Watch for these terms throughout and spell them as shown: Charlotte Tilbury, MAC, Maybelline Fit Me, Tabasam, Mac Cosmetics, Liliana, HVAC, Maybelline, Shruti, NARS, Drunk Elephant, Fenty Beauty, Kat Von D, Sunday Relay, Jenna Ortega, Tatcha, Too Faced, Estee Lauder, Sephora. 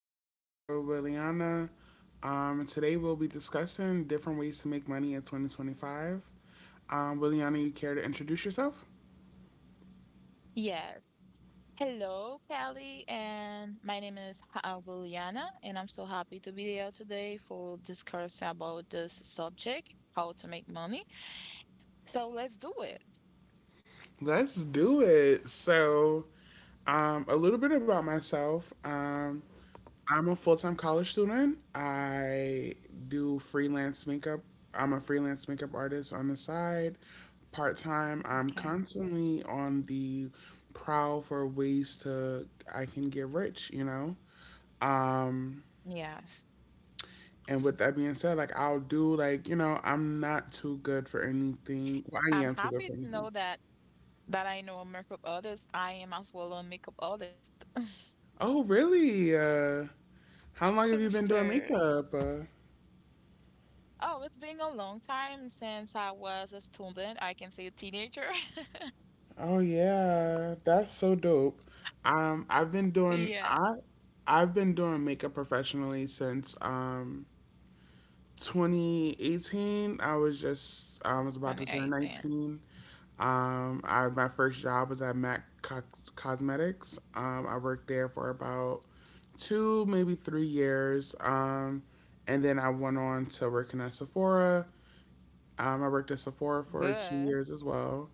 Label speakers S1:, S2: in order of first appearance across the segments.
S1: and I'm here with Liliana. Today we'll be discussing different ways to make money in 2025. Liliana, you care to introduce yourself?
S2: Yes. Hello, Kelly, and my name is Williana, and I'm so happy to be here today for discuss about this subject, how to make money. So let's do it.
S1: Let's do it. A little bit about myself. I'm a full time college student. I do freelance makeup. I'm a freelance makeup artist on the side, part time. I'm
S2: Okay.
S1: constantly on the prowl for ways to I can get rich, you know? Um
S2: Yes.
S1: and with that being said, like I'll do like, you know, I'm not too good for anything. Well, I
S2: I'm
S1: am too good
S2: happy
S1: for
S2: to
S1: anything.
S2: know that I know a makeup artist. I am as well a makeup artist.
S1: Oh, really? How long have you been doing
S2: Sure.
S1: makeup?
S2: Oh, it's been a long time since I was a student. I can say a teenager.
S1: Oh yeah, that's so dope. Um I've been doing
S2: Yeah,
S1: I I've been doing makeup professionally since 2018. I was about to turn
S2: 2018.
S1: 19. I My first job was at Mac Co- Cosmetics. I worked there for about 2, maybe 3 years. And then I went on to working at Sephora. I worked at Sephora for two
S2: Good.
S1: years as well.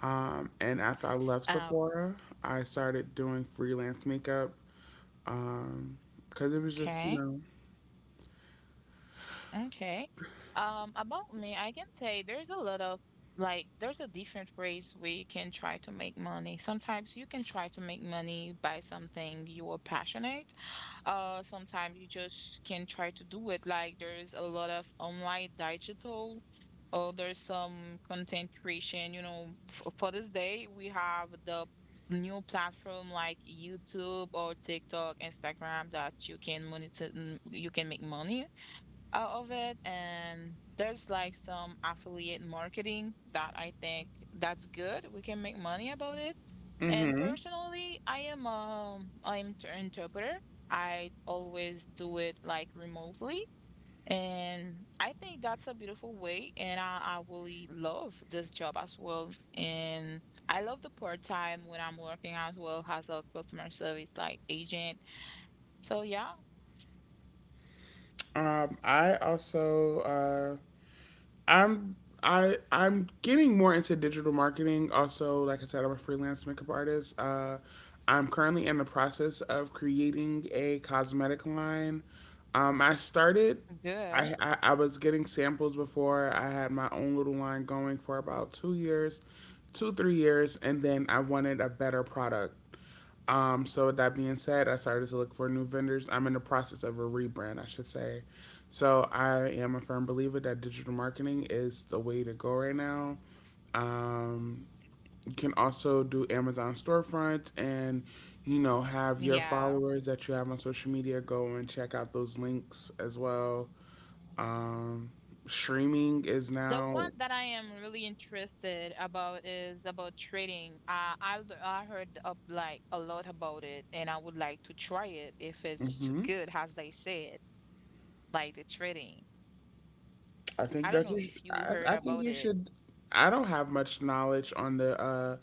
S1: And after I left
S2: Oh,
S1: Sephora, I started doing freelance makeup. Um, because it was just, you
S2: okay.
S1: know.
S2: Okay. About me, I can say there's a lot of there's a different ways we can try to make money. Sometimes you can try to make money by something you are passionate. Sometimes you just can try to do it. Like there's a lot of online digital or there's some content creation, you know, f for this day we have the new platform like YouTube or TikTok, Instagram that you can monetize, you can make money out of it, and there's like some affiliate marketing that I think that's good. We can make money about it. And
S1: Mm-hmm.
S2: personally, I am I'm an interpreter. I always do it like remotely. And I think that's a beautiful way, and I really love this job as well. And I love the part time when I'm working as well as a customer service like agent. So yeah,
S1: I also I'm I'm getting more into digital marketing. Also, like I said, I'm a freelance makeup artist. I'm currently in the process of creating a cosmetic line. I started.
S2: good.
S1: I was getting samples before I had my own little line going for about 2 years, 2 3 years, and then I wanted a better product. So with that being said, I started to look for new vendors. I'm in the process of a rebrand, I should say. So I am a firm believer that digital marketing is the way to go right now. Um, you can also do Amazon storefronts and you know have your
S2: Yeah.
S1: followers that you have on social media go and check out those links as well. Um, Streaming is
S2: The
S1: now.
S2: one that I am really interested about is about trading. I heard up like a lot about it, and I would like to try it if it's
S1: Hmm.
S2: good, as they said, like the trading.
S1: I think
S2: I don't
S1: that
S2: know
S1: you. Sh-
S2: if you
S1: I, I
S2: heard
S1: think
S2: about
S1: you
S2: it.
S1: should. I don't have much knowledge on the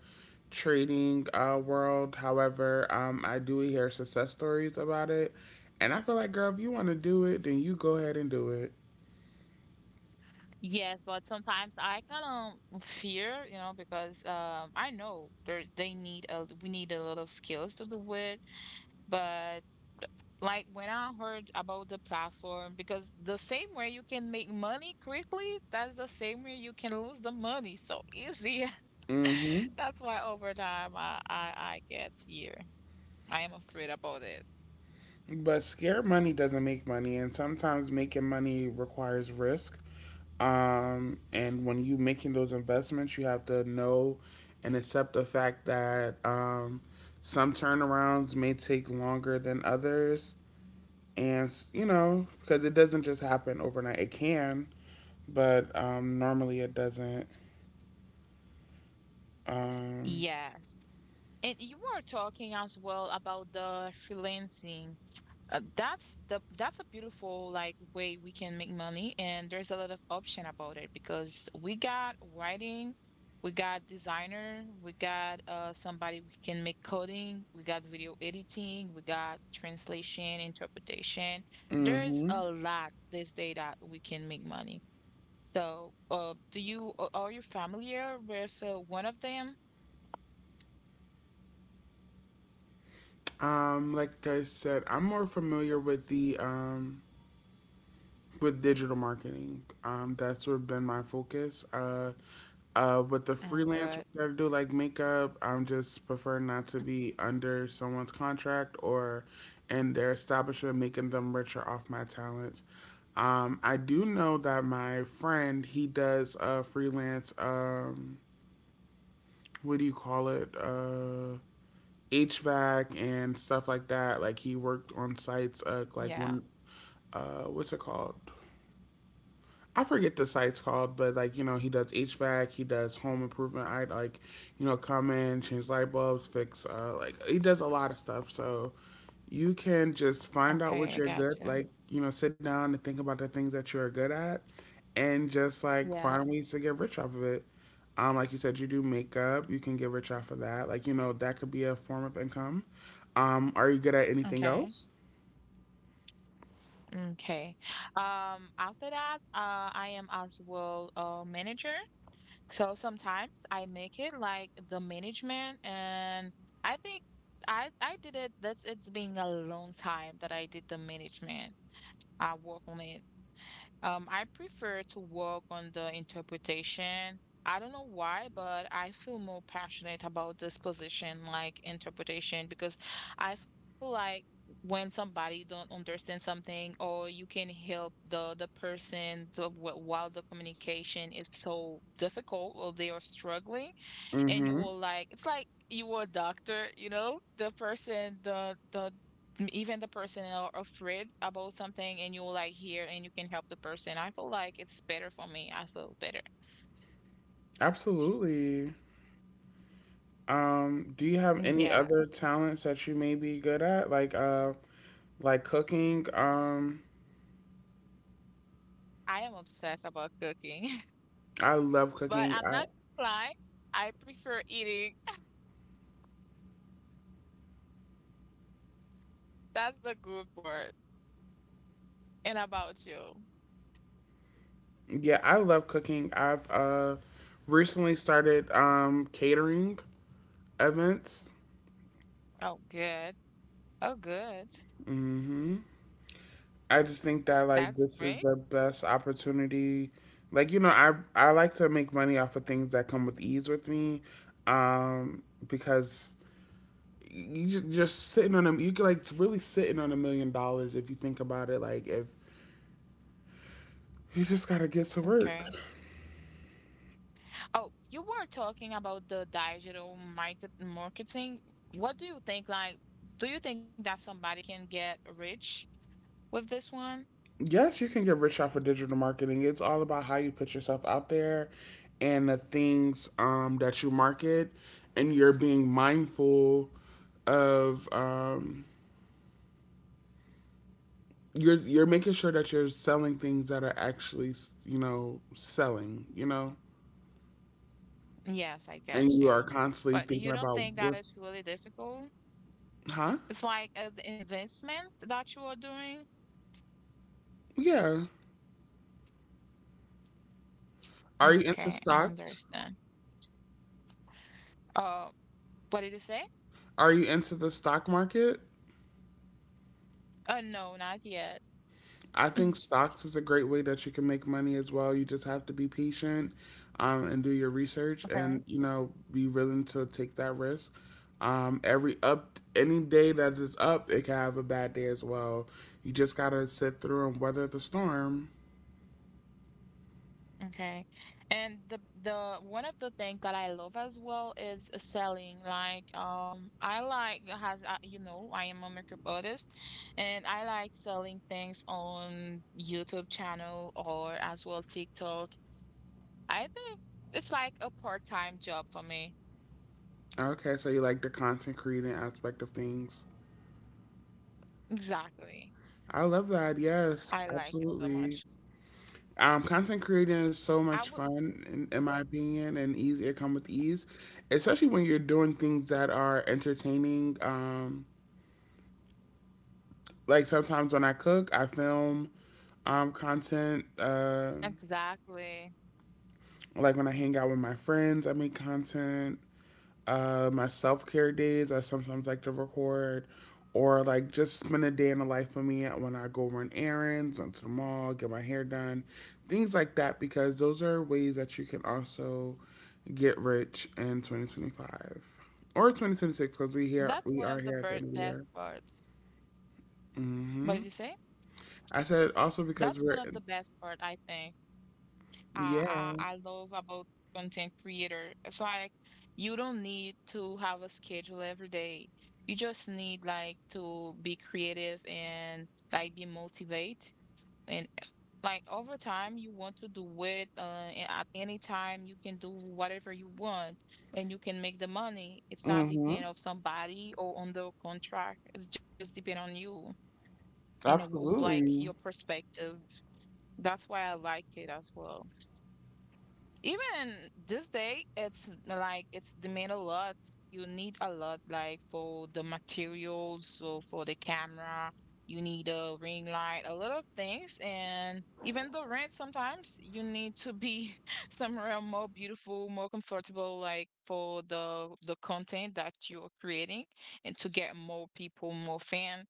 S1: trading world. However, I do hear success stories about it, and I feel like, girl, if you want to do it, then you go ahead and do it.
S2: Yes, but sometimes I kind of fear, you know, because I know there's they need a we need a lot of skills to do it, but like when I heard about the platform, because the same way you can make money quickly, that's the same way you can lose the money so easy.
S1: Hmm.
S2: That's why over time I get fear. I am afraid about it.
S1: But scare money doesn't make money, and sometimes making money requires risk. And when you making those investments, you have to know and accept the fact that some turnarounds may take longer than others, and you know because it doesn't just happen overnight. It can, but normally it doesn't. Um,
S2: Yes. And you were talking as well about the freelancing. That's a beautiful like way we can make money, and there's a lot of option about it because we got writing, we got designer, we got somebody we can make coding, we got video editing, we got translation, interpretation. There's
S1: hmm.
S2: a lot this day that we can make money. So, are you familiar with one of them?
S1: Like I said, I'm more familiar with the with digital marketing. That's sort of been my focus. With the
S2: Mm,
S1: freelance work
S2: good.
S1: that I do, like makeup, I'm just prefer not to be under someone's contract or in their establishment, making them richer off my talents. I do know that my friend he does a freelance. What do you call it? HVAC and stuff like that. Like he worked on sites, like
S2: Yeah.
S1: when, what's it called? I forget the site's called, but like you know, he does HVAC, he does home improvement. I like, you know, come in, change light bulbs, fix. Like he does a lot of stuff. So you can just find out
S2: Okay,
S1: what
S2: I
S1: you're
S2: got
S1: good
S2: you.
S1: like you know sit down and think about the things that you're good at and just like
S2: Yeah.
S1: find ways to get rich off of it. Like you said you do makeup you can get rich off of that, like you know that could be a form of income. Are you good at anything
S2: Okay.
S1: else?
S2: Okay. After that, I am as well a manager. So sometimes I make it like the management, and I think I did it. That's it's been a long time that I did the management. I work on it, I prefer to work on the interpretation. I don't know why, but I feel more passionate about this position, like interpretation, because I feel like when somebody don't understand something, or you can help the person to, while the communication is so difficult or they are struggling, and you
S1: Mm-hmm.
S2: will like it's like you were a doctor, you know, the person even the person are afraid about something, and you will like hear and you can help the person. I feel like it's better for me. I feel better.
S1: Absolutely. Do you have any
S2: Yeah,
S1: other talents that you may be good at, like cooking?
S2: I am obsessed about cooking.
S1: I love
S2: But
S1: cooking.
S2: I'm not gonna lie, I prefer eating. That's the good part. And about you?
S1: Yeah, I love cooking. I've recently started catering events.
S2: Oh, good. Oh, good.
S1: Hmm. I just think that like
S2: That's
S1: this is
S2: great.
S1: the best opportunity. Like you know, I like to make money off of things that come with ease with me, um, because you just sitting on a You could like really sitting on $1 million if you think about it. Like if you just gotta get to work.
S2: Okay. Oh, you were talking about the digital marketing. What do you think? Like, do you think that somebody can get rich with this one?
S1: Yes, you can get rich off of digital marketing. It's all about how you put yourself out there and the things that you market, and you're being mindful of you're making sure that you're selling things that are actually you know selling, you know,
S2: Yes, I
S1: and
S2: get
S1: you are
S2: you.
S1: constantly
S2: But you
S1: thinking
S2: don't
S1: about
S2: think that
S1: what's
S2: it's really difficult?
S1: huh?
S2: It's like an investment that you are doing?
S1: Yeah. Are you into
S2: Okay, I
S1: stocks?
S2: understand. Uh, what did you say?
S1: Are you into the stock market?
S2: No, not yet.
S1: I think stocks is a great way that you can make money as well. You just have to be patient and do your research and,
S2: Okay.
S1: you know, be willing to take that risk. Every up, any day that is up, it can have a bad day as well. You just got to sit through and weather the storm.
S2: Okay. And the one of the things that I love as well is selling. I like has you know, I am a makeup artist, and I like selling things on YouTube channel or as well TikTok. I think it's like a part-time job for me.
S1: Okay, so you like the content creating aspect of things.
S2: Exactly.
S1: I love that. Yes,
S2: I like it so
S1: absolutely.
S2: much.
S1: Content creating is so much
S2: I would
S1: fun, in my opinion, and easy. It come with ease, especially when you're doing things that are entertaining. Like sometimes when I cook, I film content.
S2: exactly.
S1: Like when I hang out with my friends, I make content. My self care days, I sometimes like to record or like just spend a day in the life of me when I go run errands, run to the mall, get my hair done, things like that, because those are ways that you can also get rich in 2025 or 2026 because
S2: That's
S1: we
S2: one
S1: are
S2: of the
S1: here at the
S2: ber
S1: end of the year.
S2: best part. What did
S1: Hmm.
S2: you say?
S1: I said also because
S2: That's one
S1: we're
S2: of the best part, I think. I,
S1: yeah.
S2: I I love about content creator. It's like you don't need to have a schedule every day. You just need like to be creative and like be motivated, and like over time you want to do it, at any time you can do whatever you want, and you can make the money. It's not
S1: Hmm.
S2: depend of somebody or on the contract. It's just depend on you and like
S1: Absolutely.
S2: your perspective. That's why I like it as well. Even this day, it's like it's demand a lot. You need a lot, like for the materials, so for the camera, you need a ring light, a lot of things, and even the rent. Sometimes you need to be somewhere more beautiful, more comfortable, like for the content that you're creating, and to get more people, more fan.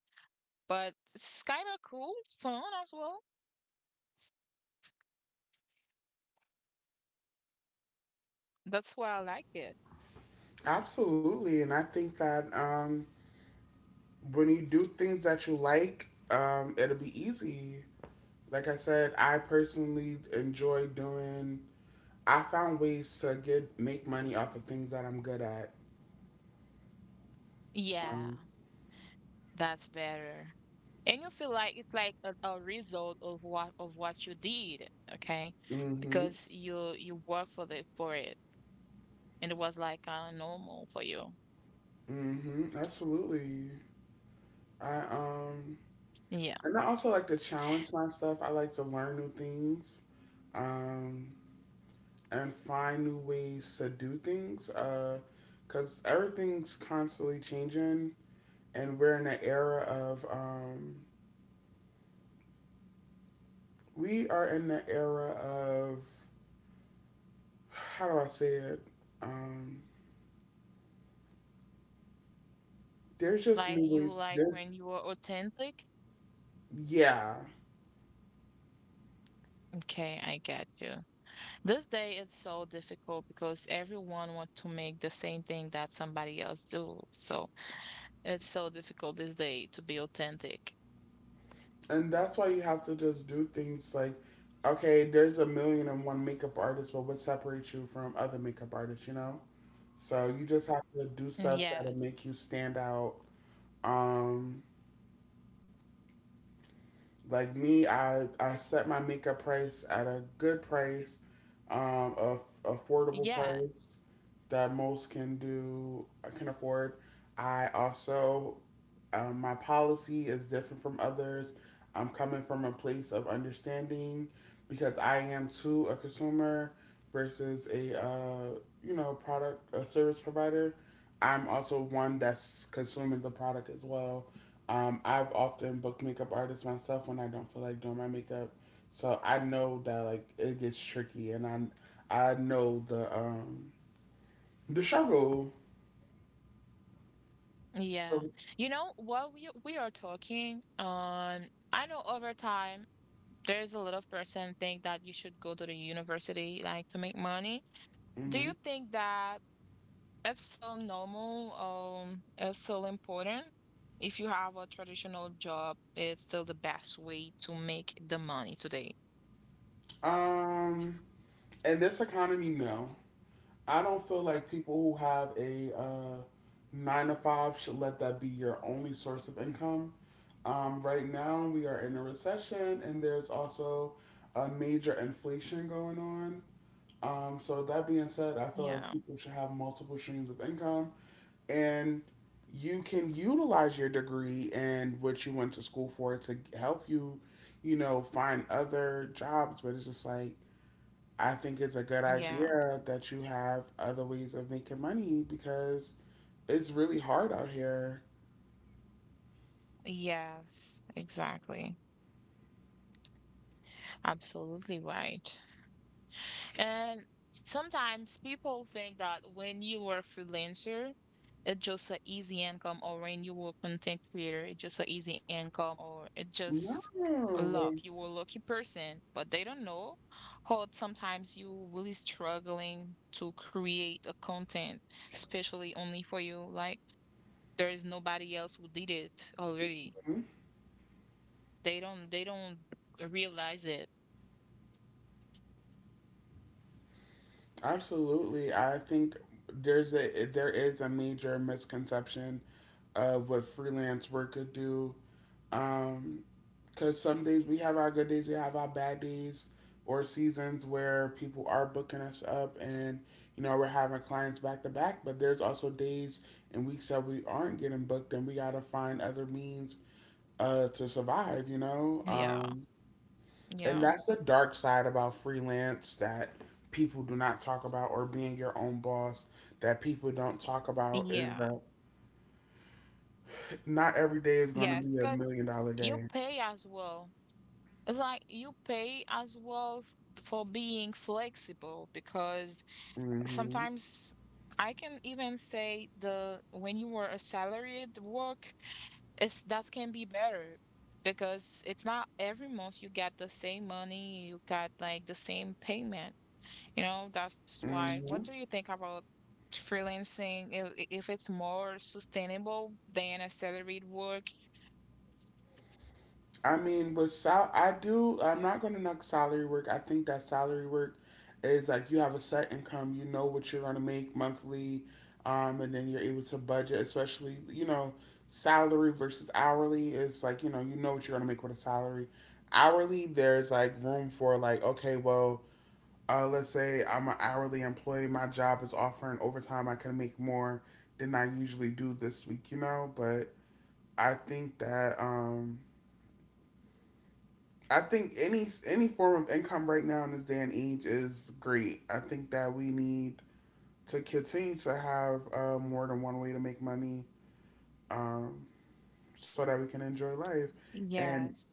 S2: But it's kind of cool, fun as well. That's why I like it.
S1: Absolutely, and I think that when you do things that you like, it'll be easy. Like I said, I personally enjoy doing. I found ways to get make money off of things that I'm good at.
S2: Yeah.
S1: Um,
S2: That's better. And you feel like it's like a result of what you did, okay?
S1: mhm,
S2: Because you worked for the for it, and it was like kind of normal for you.
S1: mhm, absolutely. I
S2: Yeah.
S1: And I also like to challenge myself. I like to learn new things, um, and find new ways to do things. Cause everything's constantly changing, and we're in an era of we are in the era of how do I say it? Um, there's just
S2: Like
S1: new
S2: you
S1: ways.
S2: like
S1: There's
S2: when you were authentic.
S1: yeah,
S2: Okay, I get you. This day it's so difficult because everyone want to make the same thing that somebody else do. So it's so difficult this day to be authentic.
S1: and that's why you have to just do things like, okay, there's a million and one makeup artists, but what separates you from other makeup artists? You know, so you just have to do
S2: Mm,
S1: stuff that'll
S2: yes.
S1: make you stand out. Um, like me, I set my makeup price at a good price, a affordable
S2: Yeah.
S1: price that most can afford. I also my policy is different from others. I'm coming from a place of understanding because I am too a consumer versus a you know product a service provider. I'm also one that's consuming the product as well. I've often booked makeup artists myself when I don't feel like doing my makeup, so I know that like it gets tricky, and I know the struggle.
S2: Yeah.
S1: So,
S2: You know, while we are talking, I know over time there is a lot of person think that you should go to the university like to make money. Do
S1: mhm.
S2: you think that it's still normal, it's still important? If you have a traditional job, it's still the best way to make the money today.
S1: um, in this economy, no. I don't feel like people who have a nine to five should let that be your only source of income. Right now, we are in a recession, and there's also a major inflation going on. So with that being said, I feel like
S2: Yeah.
S1: people should have multiple streams of income, and you can utilize your degree and what you went to school for to help you, you know, find other jobs. But it's just like I think it's a good
S2: Yeah.
S1: idea that you have other ways of making money because it's really hard out here.
S2: Yes, exactly. Absolutely right. And sometimes people think that when you are a freelancer, it's just an easy income, or when you were content creator, it's just an easy income, or it's
S1: No,
S2: just luck.
S1: mhm.
S2: You were a lucky person, but they don't know how sometimes you really struggling to create a content, especially only for you. Like there is nobody else who did it already. They don't realize it.
S1: Absolutely. I think there is a major misconception of what freelance work could do. Um, Because some days we have our good days, we have our bad days, or seasons where people are booking us up and, you know, we're having clients back to back. But there's also days and weeks that we aren't getting booked and we got to find other means to survive, you know?
S2: Yeah.
S1: And
S2: Yeah.
S1: that's the dark side about freelance that people do not talk about or being your own boss that people don't talk about is
S2: Yeah.
S1: that not every day is going to
S2: Yes,
S1: be a
S2: because
S1: million dollar
S2: you
S1: day.
S2: pay as well. It's like you pay as well for being flexible because
S1: Mm hmm.
S2: sometimes I can even say the when you were a salaried work, it's that can be better because it's not every month you get the same money, you got like the same payment. You know, that's
S1: Mm
S2: why. What
S1: hmm.
S2: do you think about freelancing? If it's more sustainable than a salaried work?
S1: I mean, with sal, I do. I'm not going to knock salary work. I think that salary work is like you have a set income. You know what you're going to make monthly, and then you're able to budget. Especially, you know, salary versus hourly is like you know what you're going to make with a salary. Hourly, there's like room for like okay, well, let's say I'm an hourly employee. My job is offering overtime. I can make more than I usually do this week. You know, but I think that um I think any form of income right now in this day and age is great. I think that we need to continue to have more than one way to make money, um, so that we can enjoy life. And
S2: Yes.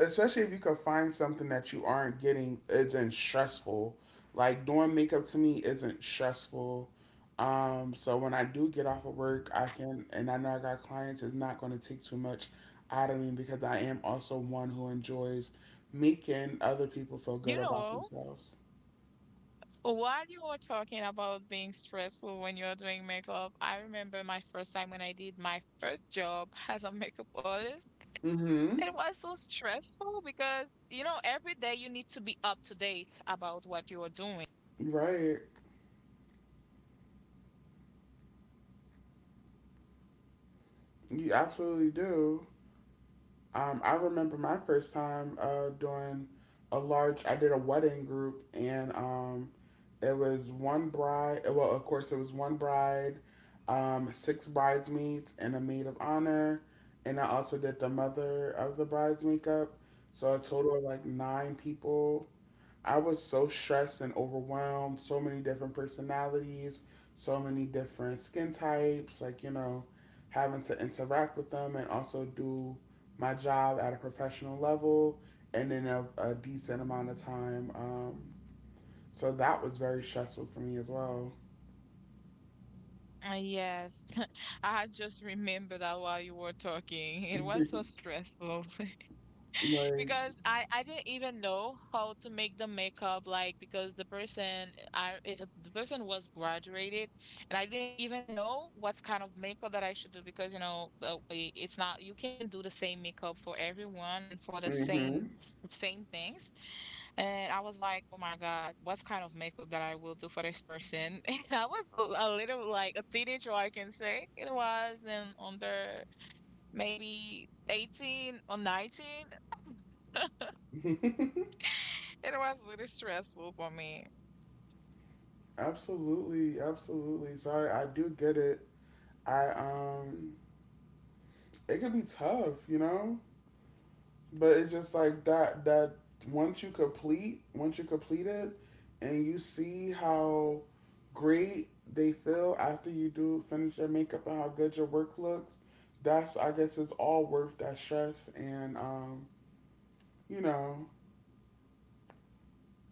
S1: especially if you could find something that you aren't getting isn't stressful. Like doing makeup to me isn't stressful. So when I do get off of work, I can, and I know I got clients, it's not going to take too much out of me because I am also one who enjoys making other people feel good
S2: You
S1: about
S2: know,
S1: themselves.
S2: while you were talking about being stressful when you're doing makeup, I remember my first time when I did my first job as a makeup artist.
S1: Mm-hmm.
S2: It was so stressful because, you know, every day you need to be up to date about what you are doing.
S1: Right. You absolutely do. I remember my first time doing a large. I did a wedding group, and it was of course, it was one bride, six bridesmaids, and a maid of honor. And I also did the mother of the bride's makeup. So a total of like nine people. I was so stressed and overwhelmed. So many different personalities, so many different skin types. Like you know, having to interact with them and also do my job at a professional level and in a decent amount of time. So that was very stressful for me as well.
S2: Yes, I had just remembered that while you were talking. It
S1: like,
S2: was so stressful. Because I didn't even know how to make the makeup, like because the person the person was graduated, and I didn't even know what kind of makeup that I should do because it's not you can not do the same makeup for everyone and for the
S1: mm-hmm.
S2: same things, and I was like, oh my God, what kind of makeup that I will do for this person? And I was a little like a teenager, I can say. It was, and under maybe 18 or 19, it was really stressful for me.
S1: Absolutely, absolutely. So I do get it. I it can be tough, you know. But it's just like that. Once you complete it, and you see how great they feel after you do finish their makeup and how good your work looks, that's I guess it's all worth that stress you know,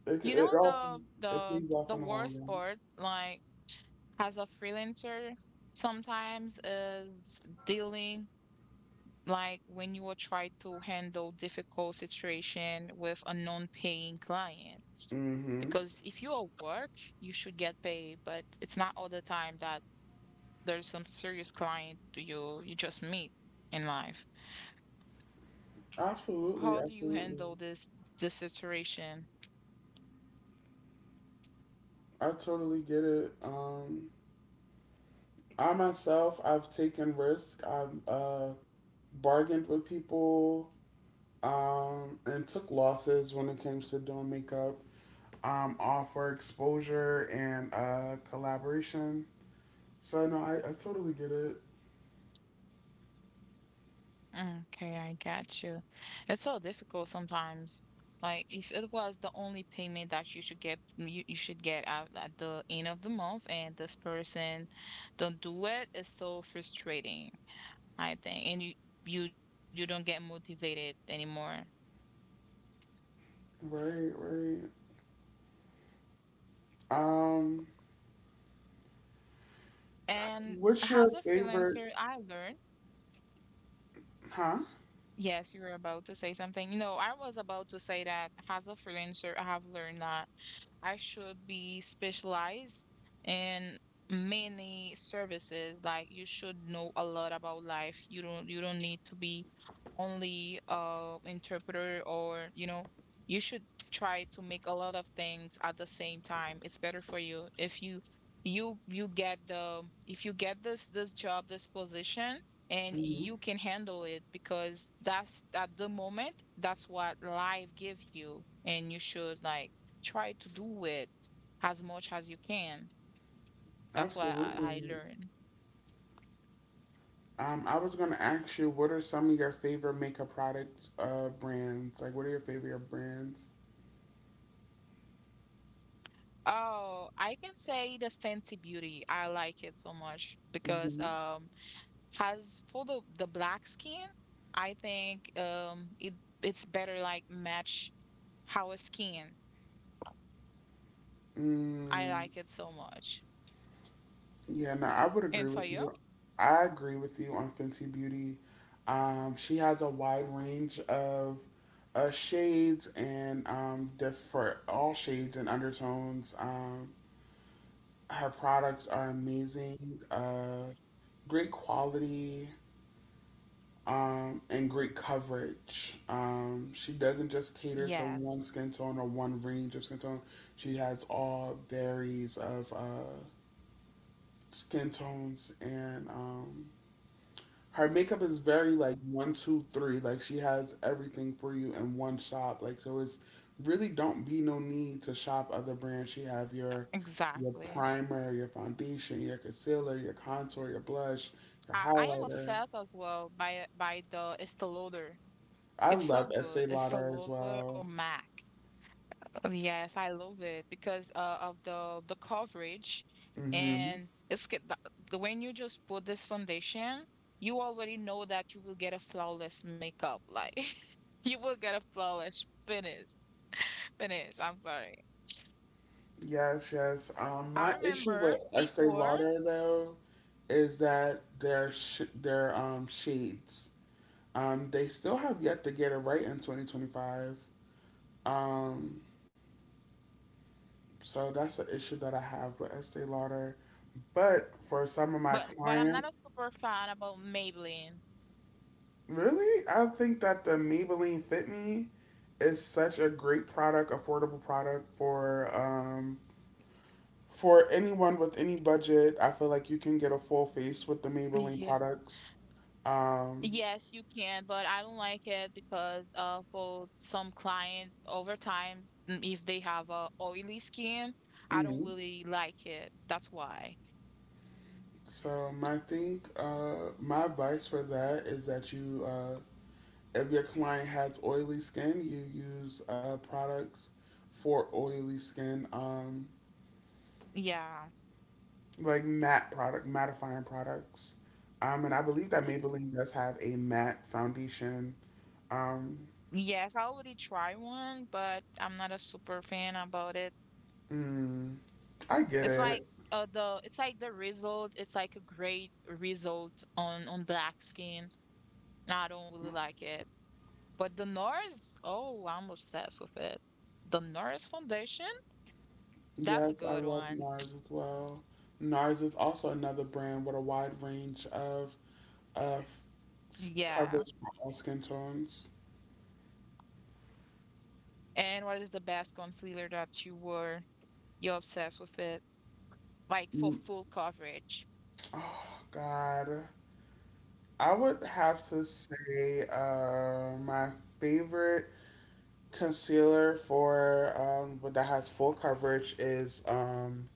S1: It,
S2: You
S1: it
S2: know
S1: all
S2: the
S1: it pays off in the long
S2: worst
S1: run.
S2: part, like as a freelancer, sometimes is dealing like when you will try to handle difficult situation with a non-paying client.
S1: Mm-hmm.
S2: Because if you are work, you should get paid, but it's not all the time that there's some serious client you just meet in life.
S1: Absolutely,
S2: How do you
S1: absolutely.
S2: handle this situation?
S1: I totally get it. I myself, I've taken risks. I've bargained with people and took losses when it comes to doing makeup. All for exposure and collaboration. So no, I totally get it.
S2: Okay, I got you. It's so difficult sometimes. Like if it was the only payment that you should get, mm, you should get out at the end of the month, and this person don't do it, it's so frustrating, I think. And you don't get motivated anymore.
S1: Right, right. Um,
S2: And
S1: what's
S2: as
S1: your
S2: a
S1: favorite?
S2: freelancer, I learned.
S1: Huh?
S2: Yes, you were about to say something. No, I was about to say that as a freelancer, I have learned that I should be specialized in many services. Like you should know a lot about life. You don't need to be only interpreter or you know you should try to make a lot of things at the same time. It's better for you if you get the if you get this job this position, and
S1: Hmm.
S2: you can handle it because that's at the moment that's what life gives you. And you should like try to do it as much as you can. That's what I
S1: Absolutely.
S2: learned.
S1: I was gonna ask you, what are some of your favorite makeup products, brands? Like, what are your favorite brands?
S2: Oh, I can say the Fenty Beauty. I like it so much because
S1: Mm-hmm.
S2: has for the black skin, I think it's better like match how a skin. I
S1: Mm,
S2: like it so much.
S1: yeah, no, I would agree
S2: And for
S1: with
S2: you?
S1: you. I agree with you on Fenty Beauty. She has a wide range of shades and diff for all shades and undertones. Her products are amazing, great quality, and great coverage. She doesn't just cater to
S2: Yes,
S1: one skin tone or one range of skin tone. She has all varies of skin tones, and her makeup is very like one, two, three. Like she has everything for you in one shop. Like so, it's really don't be no need to shop other brands. She have your
S2: exactly.
S1: primer, your foundation, your concealer, your contour, your blush, your
S2: I am
S1: highlighter.
S2: obsessed as well by the Estee Lauder.
S1: I
S2: It's so
S1: love Estee
S2: good. Estee
S1: Lauder as
S2: Lauder or
S1: well.
S2: MAC. Yes, I love it because of the coverage.
S1: Hmm.
S2: And it's get the when you just put this foundation, you already know that you will get a flawless makeup. Like you will get a flawless finish. Finish. I'm sorry.
S1: Yes, yes.
S2: I
S1: My issue with
S2: remember
S1: Estee
S2: before,
S1: Lauder though is that their shades they still have yet to get it right in 2025. Um, so that's an issue that I have with Estee Lauder. But for some of my
S2: but I'm not a
S1: clients,
S2: super fan about Maybelline.
S1: really, I think that the Maybelline Fit Me is such a great product, affordable product for for anyone with any budget, I feel like you can get a full face with the Maybelline
S2: Yeah.
S1: products. Um,
S2: Yes, you can, but I don't like it because for some client over time, if they have a oily skin, I don't
S1: mhm.
S2: really like it. That's why.
S1: So my thing, my advice for that is that if your client has oily skin, you use products for oily skin,
S2: Yeah.
S1: like matte product, mattifying products. And I believe that Maybelline does have a matte foundation. Um,
S2: Yes, I already tried one, but I'm not a super fan about it.
S1: mm, I get
S2: It's like
S1: it.
S2: the it's like the result, it's like a great result on black skin, and I don't really like it. But the NARS, oh, I'm obsessed with it. The NARS foundation, that's a
S1: Yes, I
S2: good
S1: love
S2: one.
S1: NARS as well. NARS is also another brand with a wide range of of
S2: Yeah.
S1: coverage for all skin tones.
S2: And what is the best concealer that you wore? You're obsessed with it, like for full coverage.
S1: Oh God, I would have to say my favorite concealer for but that has full coverage is um,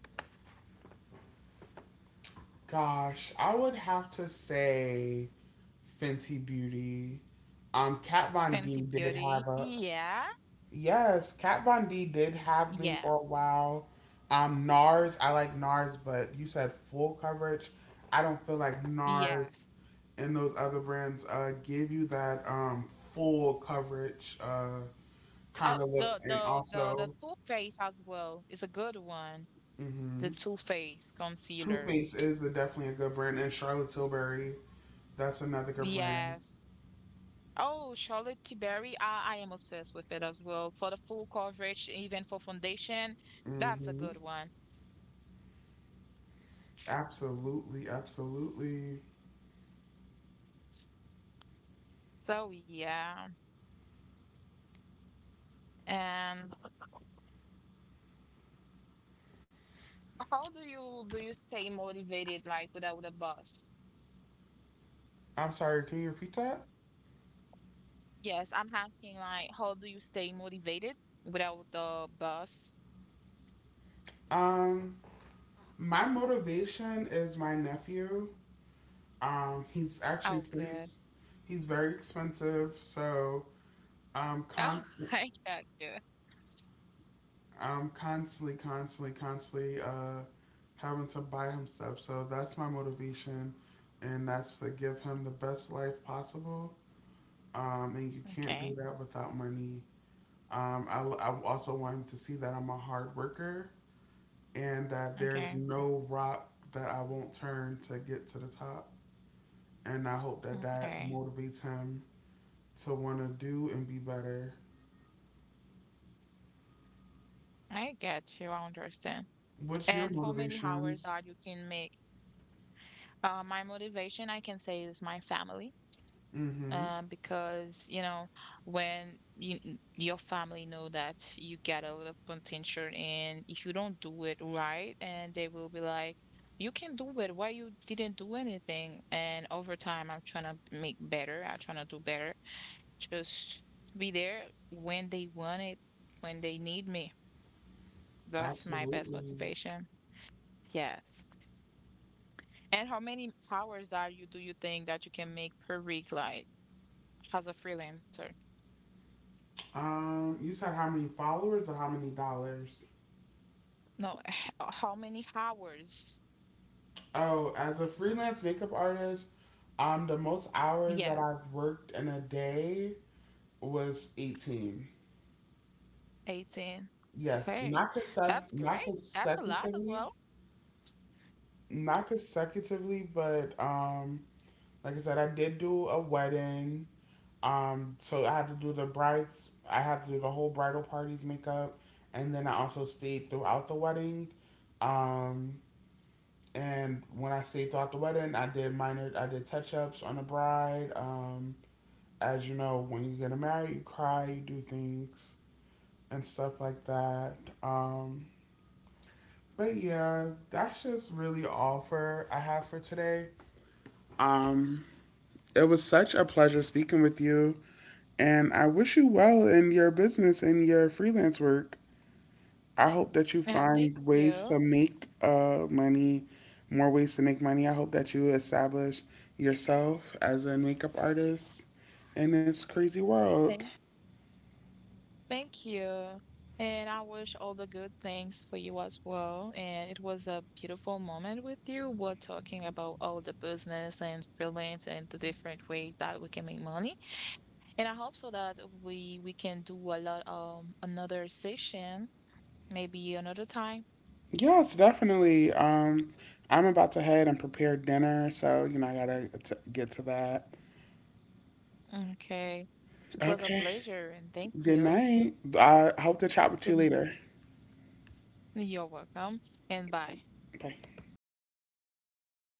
S1: gosh, I would have to say Fenty Beauty. Kat Von
S2: Fenty
S1: D did
S2: Beauty.
S1: have a—
S2: Yeah.
S1: yes, Kat Von D did have me
S2: Yeah.
S1: for a while. NARS, I like NARS, but you said full coverage. I don't feel like NARS
S2: Yes.
S1: and those other brands give you that full coverage
S2: Oh,
S1: kind of look.
S2: the
S1: And
S2: the the the
S1: also,
S2: Too Faced as well is a good one. The
S1: mm-hmm,
S2: Too Faced
S1: Too
S2: concealer.
S1: Faced is a, definitely a good brand. And Charlotte Tilbury, that's another good brand.
S2: Yes. Oh, Charlotte Tilbury. I am obsessed with it as well for the full coverage, even for foundation. That's a
S1: Mm-hmm.
S2: good one.
S1: Absolutely, absolutely.
S2: So yeah, and how do you stay motivated like without the bus?
S1: I'm sorry, can you repeat that?
S2: Yes, I'm asking like how do you stay motivated without the bus?
S1: Um, My motivation is my nephew. He's actually
S2: Oh,
S1: pretty. Ex-
S2: good.
S1: He's very expensive, so um,
S2: Oh,
S1: constant,
S2: I got you.
S1: constantly, constantly, constantly having to buy him stuff. So that's my motivation, and that's to give him the best life possible. And you can't do
S2: Okay,
S1: that without money. Um, I also want him to see that I'm a hard worker and that there's
S2: okay,
S1: no rock that I won't turn to get to the top. And I hope that that
S2: okay.
S1: motivates him to want to do and be better.
S2: I get you. I understand.
S1: What's your
S2: And how many hours
S1: motivations?
S2: that you can make? My motivation, I can say, is my family.
S1: Mm-hmm.
S2: Because you know when you, your family know that you get a lot of potential, and if you don't do it right, and they will be like you can do it, why you didn't do anything? And over time, I'm trying to make better, I'm trying to do better, just be there when they want it, when they need me. That's my best
S1: Absolutely.
S2: motivation. Yes. And how many hours are you do you think that you can make per week, like as a freelancer?
S1: You said how many followers or how many dollars?
S2: No, h- how many hours?
S1: Oh, as a freelance makeup artist, the most hours that
S2: Yes,
S1: I've worked in a day was 18.
S2: 18.
S1: Yes,
S2: Okay. That's
S1: not
S2: great. That's a lot as
S1: consecutively,
S2: well.
S1: not consecutively, but like I said, I did do a wedding. So I had to do the brides. I had to do the whole bridal party's makeup, and then I also stayed throughout the wedding. Um, and when I stayed throughout the wedding, I did minor. I did touch ups on the bride. As you know, when you get married, you cry, you do things and stuff like that. Um, but yeah, that's just really all for I have for today. Um, it was such a pleasure speaking with you. And I wish you well in your business and your freelance work. I hope that you
S2: And thank
S1: find ways to
S2: you.
S1: make money, more ways to make money. I hope that you establish yourself as a makeup artist in this crazy world.
S2: Thank thank you. And I wish all the good things for you as well. And it was a beautiful moment with you. We're talking about all the business and freelance and the different ways that we can make money. And I hope so that we can do a lot another session, maybe another time.
S1: Yes, definitely. I'm about to head and prepare dinner, so you know I gotta get to that.
S2: Okay. It was a
S1: Okay.
S2: pleasure and thank
S1: Good
S2: you.
S1: night. I hope to chat with
S2: Good,
S1: you
S2: n-
S1: later.
S2: you're welcome and bye.
S1: Bye.
S2: I